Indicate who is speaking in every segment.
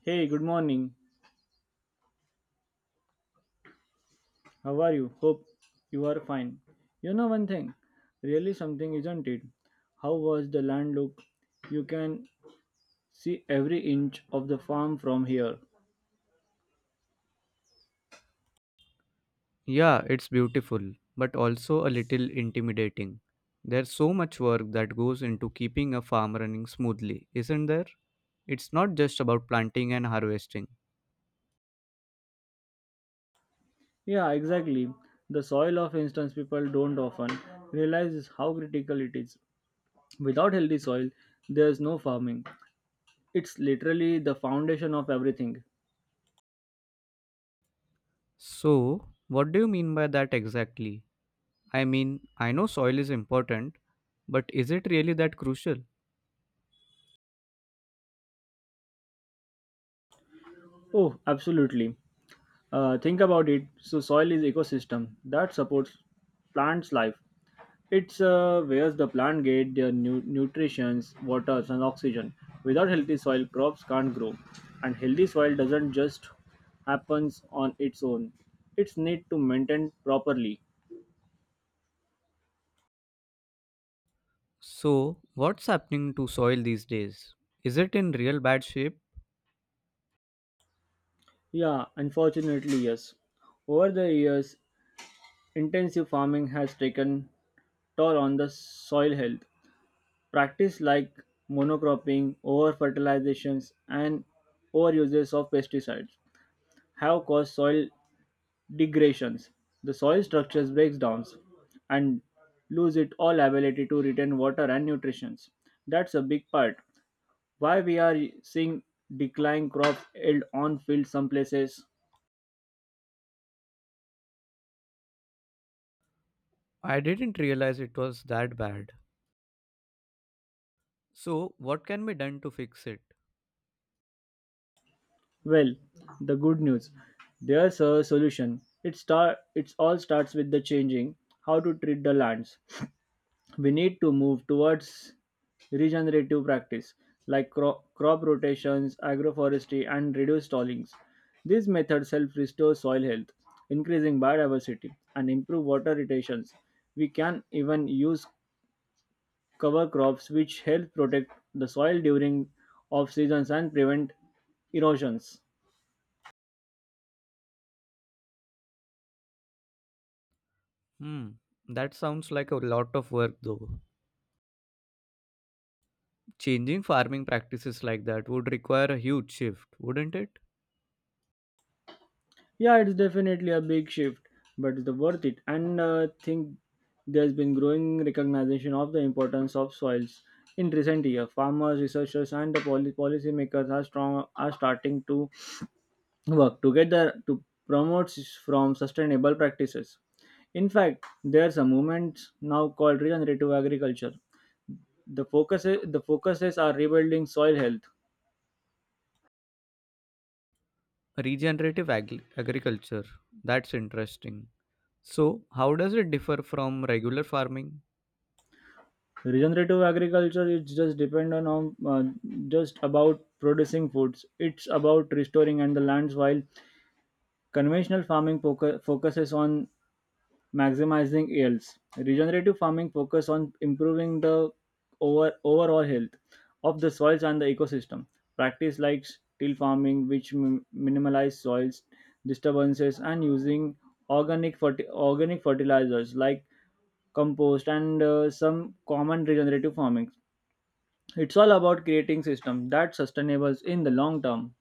Speaker 1: Hey, good morning. How are you? Hope you are fine. You know one thing, really something, isn't it? How was the land look? You can see every inch of the farm from here.
Speaker 2: Yeah, it's beautiful, but also a little intimidating. There's so much work that goes into keeping a farm running smoothly, isn't there? It's not just about planting and harvesting.
Speaker 1: Yeah, exactly. The soil of instance people don't often realize how critical it is. Without healthy soil, there's no farming. It's literally the foundation of everything.
Speaker 2: So, what do you mean by that exactly? I mean, I know soil is important, but is it really that crucial?
Speaker 1: Oh, absolutely. Think about it. So soil is ecosystem that supports plants life. It's where the plant get their nutrition, waters, and oxygen. Without healthy soil, crops can't grow. And healthy soil doesn't just happens on its own. It's need to maintain properly.
Speaker 2: So, what's happening to soil these days? Is it in real bad shape?
Speaker 1: Yeah, unfortunately, yes. Over the years, intensive farming has taken toll on the soil health. Practice like monocropping, over fertilizations, and overuses of pesticides have caused soil degradations, the soil structures breaks down and lose its all ability to retain water and nutrition. That's a big part. Why we are seeing decline crop yield on field some places?
Speaker 2: I didn't realize it was that bad. So, what can be done to fix it?
Speaker 1: Well, the good news. There's a solution. It all starts with the changing how to treat the lands. We need to move towards regenerative practice like crop rotations, agroforestry, and reduced stallings. These methods help restore soil health, increasing biodiversity, and improve water retentions. We can even use cover crops which help protect the soil during off seasons and prevent erosions.
Speaker 2: Hmm, that sounds like a lot of work though. Changing farming practices like that would require a huge shift, wouldn't it?
Speaker 1: Yeah, it's definitely a big shift, but it's worth it. And think there's been growing recognition of the importance of soils in recent years. Farmers, researchers, and the policymakers are starting to work together to promote from sustainable practices. In fact, there's a movement now called regenerative agriculture. The focuses are rebuilding soil health.
Speaker 2: Agriculture. That's interesting. So, how does it differ from regular farming?
Speaker 1: Regenerative agriculture is just dependent on just about producing foods, it's about restoring and the lands, while conventional farming focuses on maximizing yields. Regenerative farming focus on improving the overall health of the soils and the ecosystem. Practice like still farming which minimize soils disturbances and using organic fertilizers like compost and some common regenerative farming, it's all about creating systems that sustainables in the long term.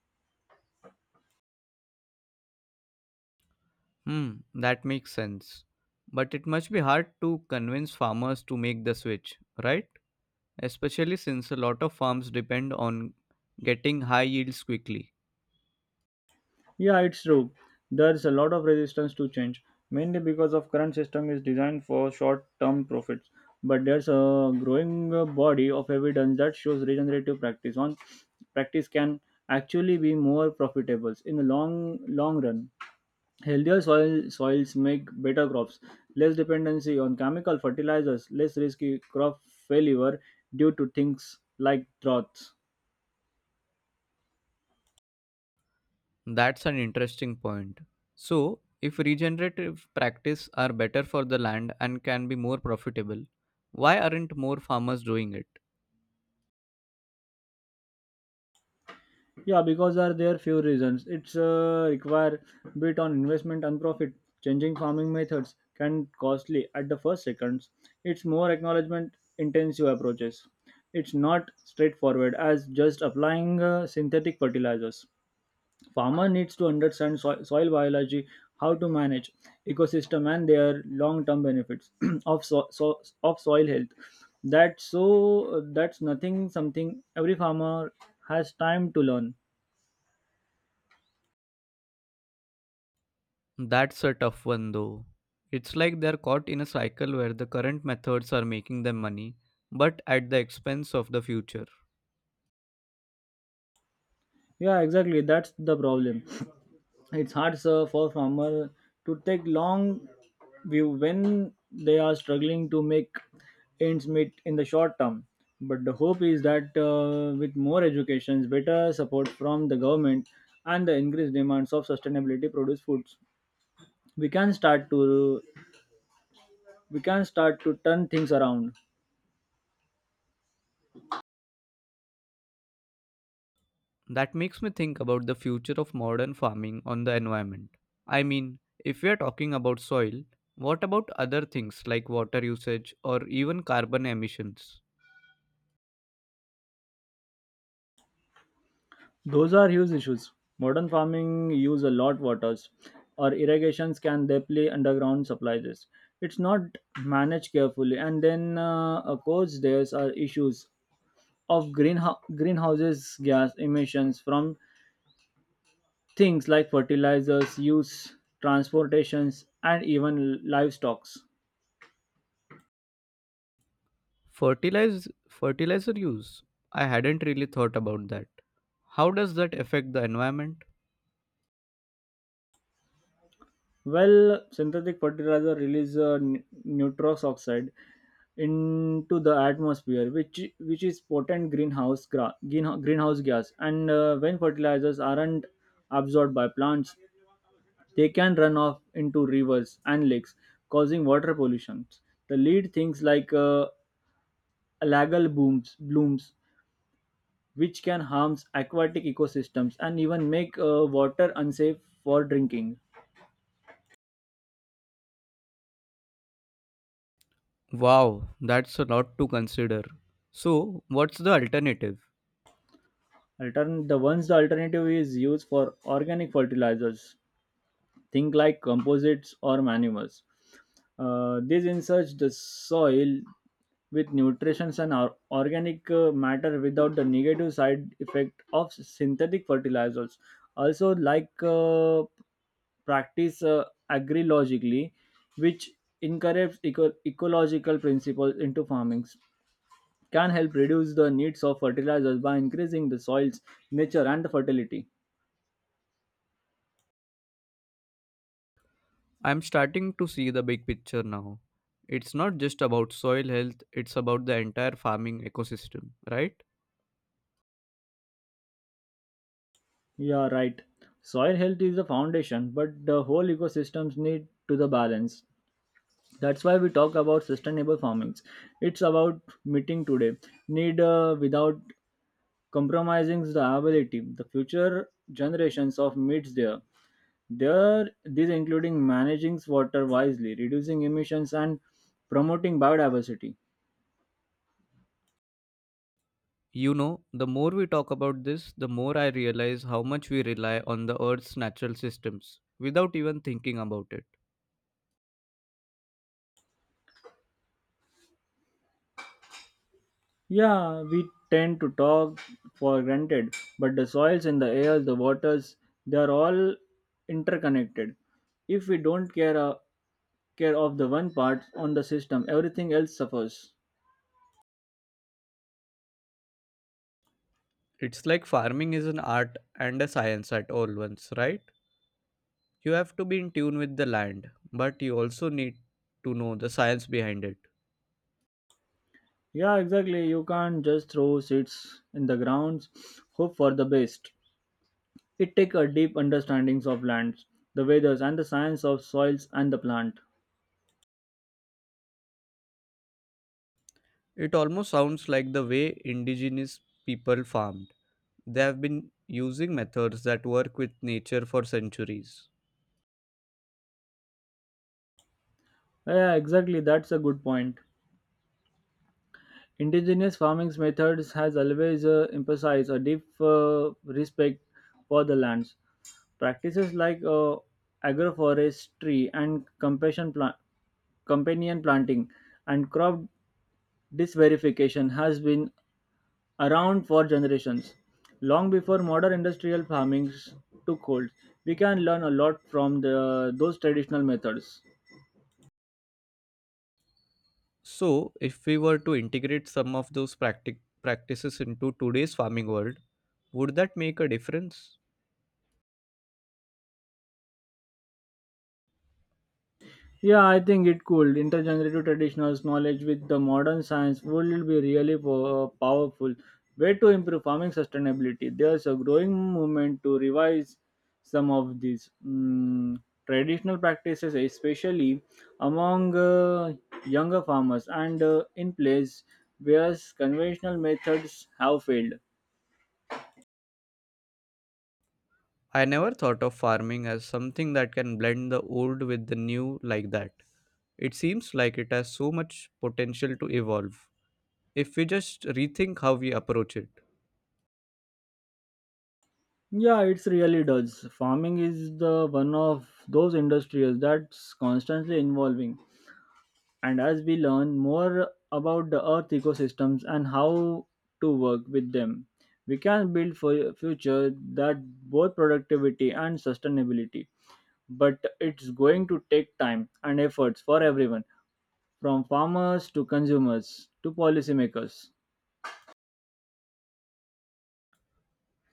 Speaker 2: Hmm, that makes sense. But it must be hard to convince farmers to make the switch, right? Especially since a lot of farms depend on getting high yields quickly.
Speaker 1: Yeah, it's true. There's a lot of resistance to change, mainly because of current system is designed for short-term profits. But there's a growing body of evidence that shows regenerative practice on practice can actually be more profitable in the long run. Healthier soils make better crops, less dependency on chemical fertilizers, less risky crop failure due to things like droughts.
Speaker 2: That's an interesting point. So, if regenerative practice are better for the land and can be more profitable, why aren't more farmers doing it?
Speaker 1: Yeah, because are there few reasons. It's require bit on investment and profit. Changing farming methods can costly at the first seconds. It's more acknowledgement intensive approaches. It's not straightforward as just applying synthetic fertilizers. Farmer needs to understand soil biology, how to manage ecosystem and their long-term benefits of of soil health. That's so that's nothing something every farmer has time to learn.
Speaker 2: That's a tough one though. It's like they're caught in a cycle where the current methods are making them money, but at the expense of the future.
Speaker 1: Yeah, exactly. That's the problem. It's hard sir, for farmer to take long view when they are struggling to make ends meet in the short term. But the hope is that with more education, better support from the government, and the increased demands of sustainability produced foods, we can start to we can start to turn things around.
Speaker 2: That makes me think about the future of modern farming on the environment. I mean, if we are talking about soil, what about other things like water usage or even carbon emissions?
Speaker 1: Those are huge issues. Modern farming use a lot waters or irrigations can deeply underground supplies. It's not managed carefully, and then of course there's are issues of greenhouses gas emissions from things like fertilizers use, transportations, and even livestocks.
Speaker 2: Fertilizer use. I hadn't really thought about that. How does that affect the environment?
Speaker 1: Well, synthetic fertilizer release nitrous oxide into the atmosphere, which is potent greenhouse gas. And when fertilizers aren't absorbed by plants, they can run off into rivers and lakes, causing water pollution. The lead things like algal blooms, which can harm aquatic ecosystems and even make water unsafe for drinking.
Speaker 2: Wow, that's a lot to consider. So, what's the alternative?
Speaker 1: The alternative is used for organic fertilizers, think like composites or manures. These insert the soil with nutrients and organic matter without the negative side effect of synthetic fertilizers. Also, like practice agrilogically, which incorporates ecological principles into farming, can help reduce the needs of fertilizers by increasing the soil's nature and the fertility.
Speaker 2: I'm starting to see the big picture now. It's not just about soil health, it's about the entire farming ecosystem, right?
Speaker 1: Yeah, right. Soil health is the foundation, but the whole ecosystems need to the balance. That's why we talk about sustainable farming. It's about meeting today need without compromising the ability. The future generations of meets there. There, these including managing water wisely, reducing emissions, and promoting biodiversity.
Speaker 2: You know, the more we talk about this, the more I realize how much we rely on the earth's natural systems without even thinking about it.
Speaker 1: Yeah, we tend to talk for granted, but the soils and the air, the waters, they are all interconnected. If we don't care care of the one part on the system, everything else suffers.
Speaker 2: It's like farming is an art and a science at all once, right? You have to be in tune with the land, but you also need to know the science behind it.
Speaker 1: Yeah, exactly. You can't just throw seeds in the grounds, hope for the best. It takes a deep understandings of lands, the weathers, and the science of soils and the plant.
Speaker 2: It almost sounds like the way indigenous people farmed. They have been using methods that work with nature for centuries.
Speaker 1: Yeah, exactly. That's a good point. Indigenous farming methods has always emphasized a deep respect for the lands. Practices like agroforestry and companion planting and crop diversification has been around for generations. Long before modern industrial farming took hold, we can learn a lot from those traditional methods.
Speaker 2: So, if we were to integrate some of those practices into today's farming world, would that make a difference?
Speaker 1: Yeah, I think it could. Intergenerative traditional knowledge with the modern science would be really powerful way to improve farming sustainability. There's a growing movement to revise some of these traditional practices, especially among younger farmers and in place where conventional methods have failed.
Speaker 2: I never thought of farming as something that can blend the old with the new like that. It seems like it has so much potential to evolve if we just rethink how we approach it.
Speaker 1: Yeah, it's really does. Farming is the one of those industries that's constantly evolving, and as we learn more about the earth ecosystems and how to work with them, we can build for a future that both productivity and sustainability. But it's going to take time and efforts for everyone, from farmers to consumers to policymakers.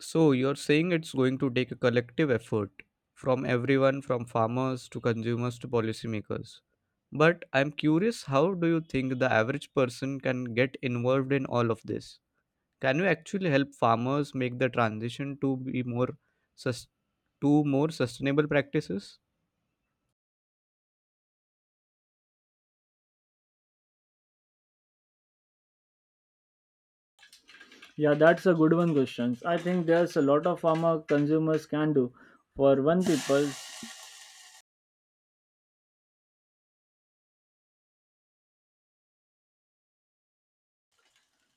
Speaker 2: So, you're saying it's going to take a collective effort from everyone, from farmers to consumers to policymakers. But I'm curious, how do you think the average person can get involved in all of this? Can you actually help farmers make the transition to be more sus- to more sustainable practices?
Speaker 1: Yeah, that's a good one question. I think there's a lot of farmer consumers can do. for one people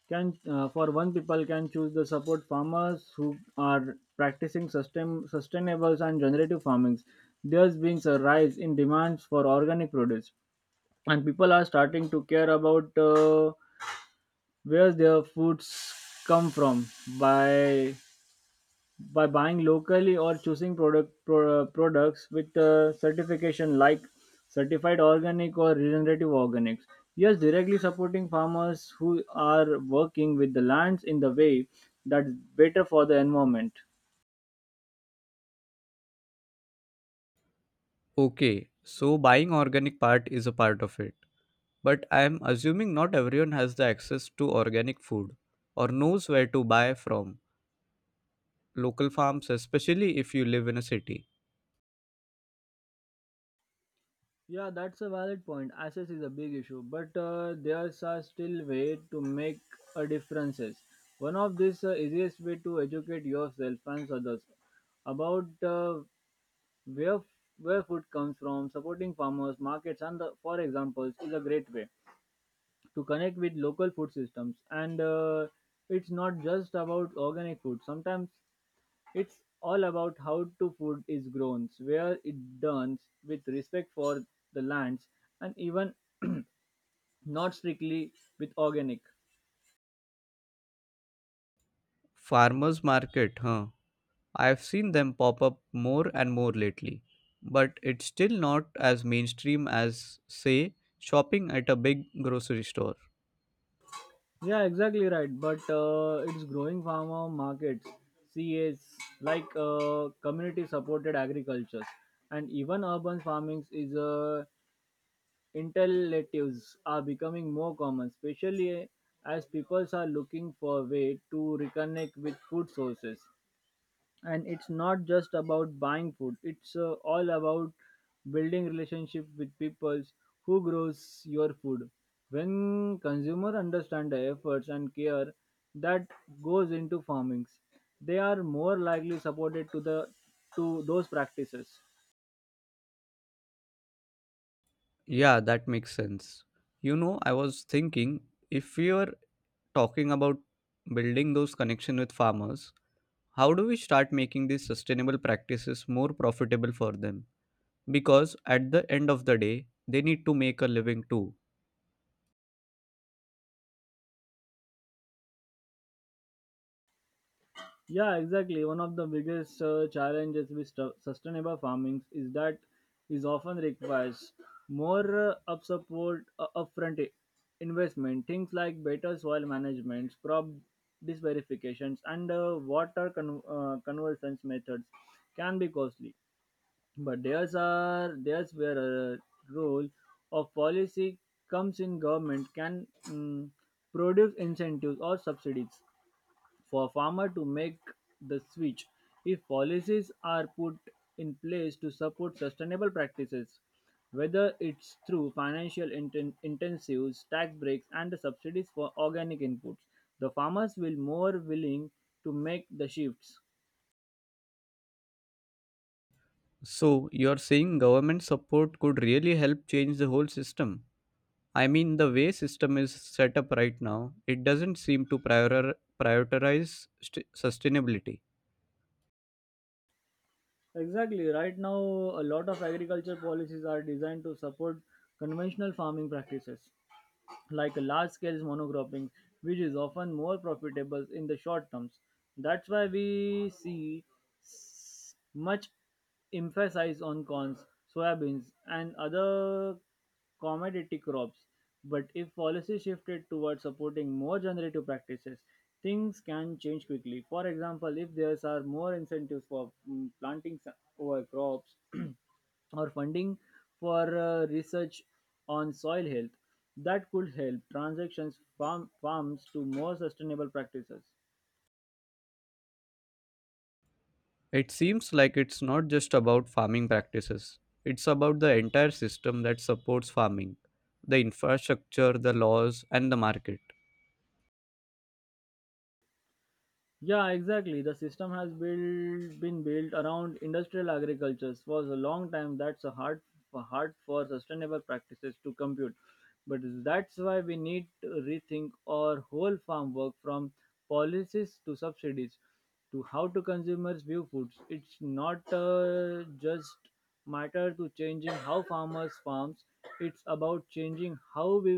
Speaker 1: can uh, for one people can choose the support farmers who are practicing sustainable and generative farming. There's been a rise in demands for organic produce, and people are starting to care about where their foods come from. By by buying locally or choosing products with certification like certified organic or regenerative organics, yes, directly supporting farmers who are working with the lands in the way that's better for the environment.
Speaker 2: Okay, so buying organic part is a part of it. But I am assuming not everyone has the access to organic food or knows where to buy from local farms, especially if you live in a city.
Speaker 1: Yeah, that's a valid point. Access is a big issue, but there are still way to make a differences. One of this easiest way to educate yourself and others about Where, where food comes from, supporting farmers, markets, and for examples, is a great way to connect with local food systems. And it's not just about organic food. Sometimes it's all about how to food is grown, where it done with respect for the lands, and even not strictly with organic.
Speaker 2: Farmers market, huh? I've seen them pop up more and more lately, but it's still not as mainstream as, say, shopping at a big grocery store.
Speaker 1: Yeah, exactly right. But it's growing farmer markets, CAs, like community supported agricultures, and even urban farming is interlatives are becoming more common, especially as people are looking for a way to reconnect with food sources. And it's not just about buying food, it's all about building relationship with peoples who grows your food. When consumer understand the efforts and care that goes into farmings, they are more likely supported to those practices.
Speaker 2: Yeah, that makes sense. You know, I was thinking if we are talking about building those connections with farmers, how do we start making these sustainable practices more profitable for them? Because at the end of the day, they need to make a living too.
Speaker 1: Yeah, exactly. One of the biggest challenges with sustainable farming is that is often requires more up support upfront investment. Things like better soil management, crop dis verifications, and water conversions methods can be costly. But there's where a role of policy comes in. Government can produce incentives or subsidies for a farmer to make the switch. If policies are put in place to support sustainable practices, whether it's through financial intensives, tax breaks, and the subsidies for organic inputs, the farmers will more willing to make the shifts.
Speaker 2: So, you're saying government support could really help change the whole system? I mean, the way system is set up right now, it doesn't seem to prioritize sustainability.
Speaker 1: Exactly. Right now, a lot of agriculture policies are designed to support conventional farming practices like a large scale monocropping, which is often more profitable in the short terms. That's why we see much emphasis on corns, soybeans, and other commodity crops. But if policy shifted towards supporting more generative practices, things can change quickly. For example, if there are more incentives for planting over crops or funding for research on soil health, that could help transitions farms to more sustainable practices.
Speaker 2: It seems like it's not just about farming practices, it's about the entire system that supports farming the infrastructure, the laws, and the market.
Speaker 1: Yeah, exactly. The system has built been built around industrial agriculture for a long time. That's a hard for hard for sustainable practices to compute. But that's why we need to rethink our whole farm work, from policies to subsidies to how to consumers view foods. It's not just matter to changing how farmers farms. It's about changing how we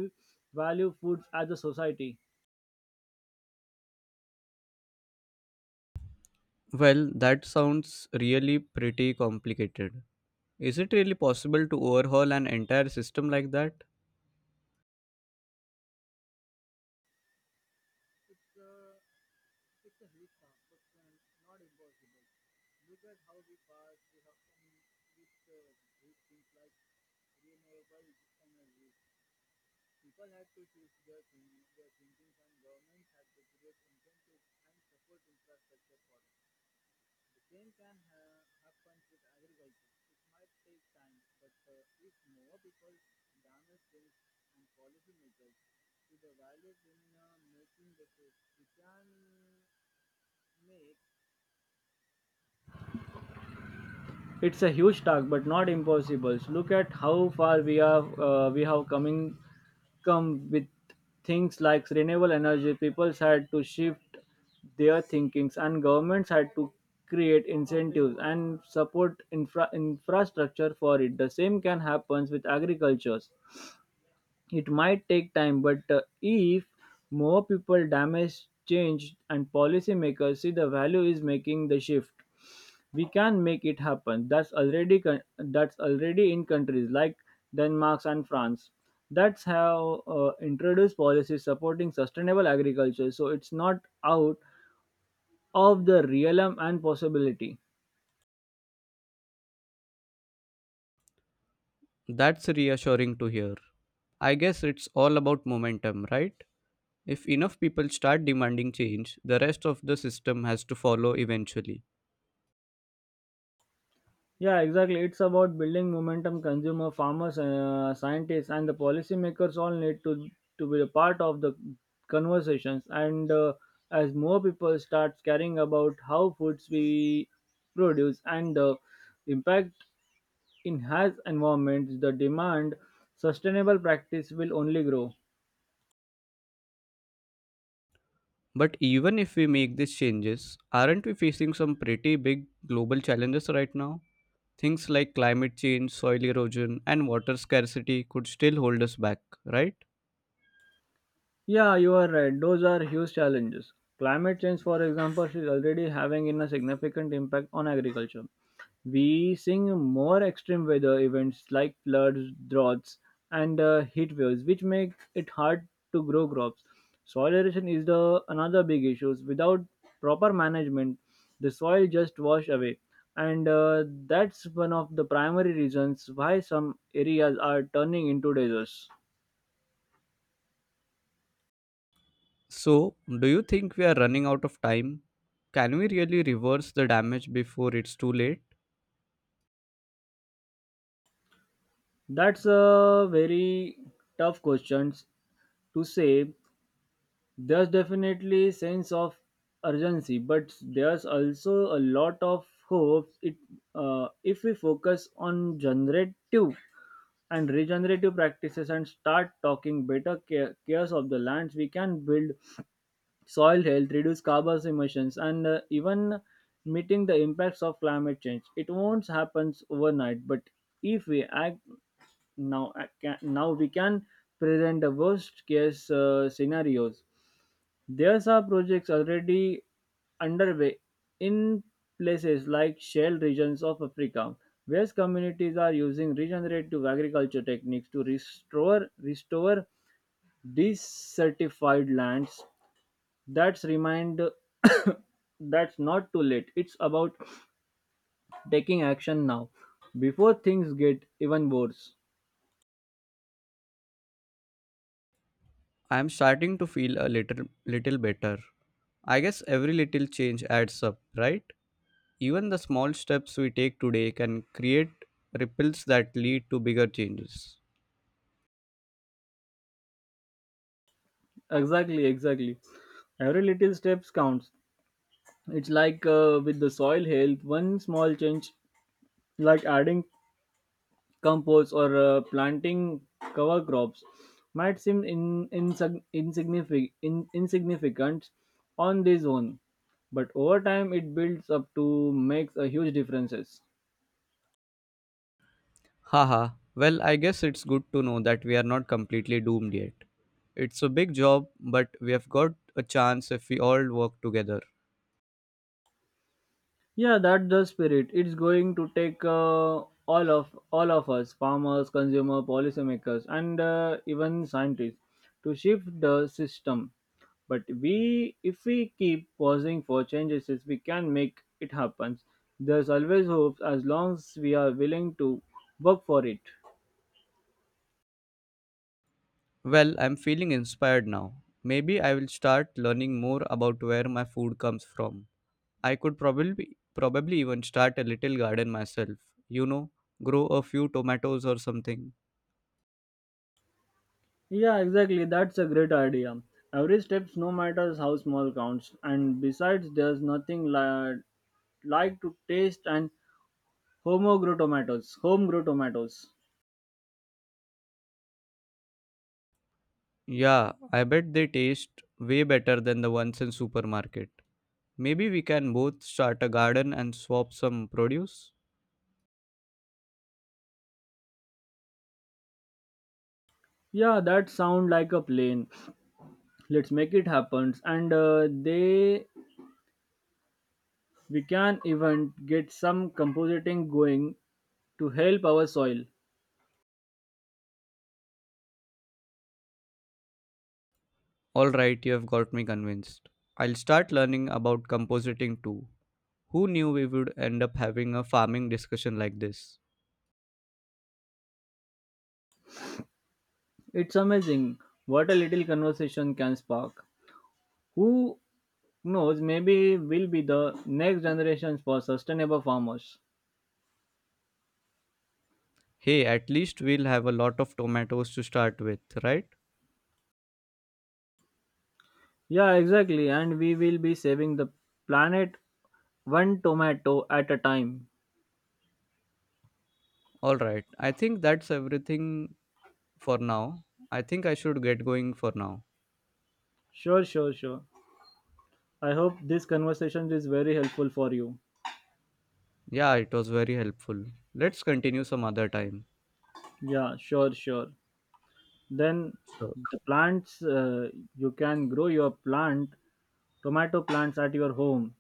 Speaker 1: value foods as a society.
Speaker 2: Well, that sounds really pretty complicated. Is it really possible to overhaul an entire system like that?
Speaker 1: It's a huge task, but not impossible. So look at how far we have coming come with things like renewable energy. People had to shift their thinkings, and governments had to create incentives and support infrastructure for it. The same can happen with agricultures. It might take time, but if more people damage change and policymakers see the value is making the shift. We can make it happen. That's already in countries like Denmark and France. That's how introduced policies supporting sustainable agriculture. So it's not out of the realm and possibility.
Speaker 2: That's reassuring to hear. I guess it's all about momentum, right? If enough people start demanding change, the rest of the system has to follow eventually.
Speaker 1: Yeah, exactly. It's about building momentum. Consumer, farmers, scientists, and the policymakers all need to be a part of the conversations. And as more people start caring about how foods we produce and the impact in harsh environments, the demand sustainable practice will only grow.
Speaker 2: But even if we make these changes, aren't we facing some pretty big global challenges right now? Things like climate change, soil erosion, and water scarcity could still hold us back, right?
Speaker 1: Yeah, you are right. Those are huge challenges. Climate change, for example, is already having in a significant impact on agriculture. We seeing more extreme weather events like floods, droughts, and heat waves, which make it hard to grow crops. Soil erosion is the another big issue. Without proper management, the soil just wash away, and that's one of the primary reasons why some areas are turning into deserts.
Speaker 2: So, do you think we are running out of time? Can we really reverse the damage before it's too late?
Speaker 1: That's a very tough question to say. There's definitely sense of urgency, but there's also a lot of hope. It If we focus on generative and regenerative practices and start talking better care, cares of the lands, we can build soil health, reduce carbon emissions, and even meeting the impacts of climate change. It won't happen overnight, but if we act now we can present the worst case scenarios. There are projects already underway in places like shale regions of Africa where communities are using regenerative agriculture techniques to restore desertified lands. That's remind that's not too late. It's about taking action now before things get even worse.
Speaker 2: I am starting to feel a little better. I guess every little change adds up, right? Even the small steps we take today can create ripples that lead to bigger changes.
Speaker 1: Exactly, exactly. Every little steps counts. It's like with the soil health, one small change, like adding compost or planting cover crops, might seem in, insig- insignific- in, insignificant on this own, but over time it builds up to makes a huge differences.
Speaker 2: Haha, well, I guess it's good to know that we are not completely doomed yet. It's a big job, but we have got a chance if we all work together.
Speaker 1: Yeah, that's the spirit. It's going to take all of us, farmers, consumer, policymakers, and even scientists, to shift the system. But if we keep pausing for changes, yes, we can make it happen. There's always hope as long as we are willing to work for it.
Speaker 2: Well, I'm feeling inspired now. Maybe I will start learning more about where my food comes from. I could probably even start a little garden myself. You know, grow a few tomatoes or something.
Speaker 1: Yeah, exactly. That's a great idea. Every steps, no matters how small, counts. And besides, there's nothing li- like to taste and home-grow tomatoes.
Speaker 2: Yeah, I bet they taste way better than the ones in supermarket. Maybe we can both start a garden and swap some produce.
Speaker 1: Yeah, that sound like a plan. Let's make it happen. And we can even get some compositing going to help our soil.
Speaker 2: All right, you have got me convinced. I'll start learning about compositing too. Who knew we would end up having a farming discussion like this?
Speaker 1: It's amazing what a little conversation can spark. Who knows? Maybe we'll be the next generations for sustainable farmers.
Speaker 2: Hey, at least we'll have a lot of tomatoes to start with, right?
Speaker 1: Yeah, exactly. And we will be saving the planet one tomato at a time.
Speaker 2: All right, I think that's everything for now. I think I should get going for now.
Speaker 1: Sure, sure, sure. I hope this conversation is very helpful for you.
Speaker 2: Yeah, it was very helpful. Let's continue some other time.
Speaker 1: Yeah, sure, sure. Then
Speaker 2: So,
Speaker 1: the plants, you can grow your plant, tomato plants at your home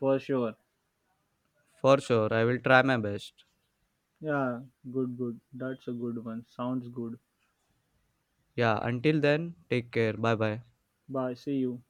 Speaker 1: for sure.
Speaker 2: for sure, I will try my best.
Speaker 1: Yeah, good, good. That's a good one. Sounds good.
Speaker 2: Yeah, until then, take care. Bye bye.
Speaker 1: Bye. See you.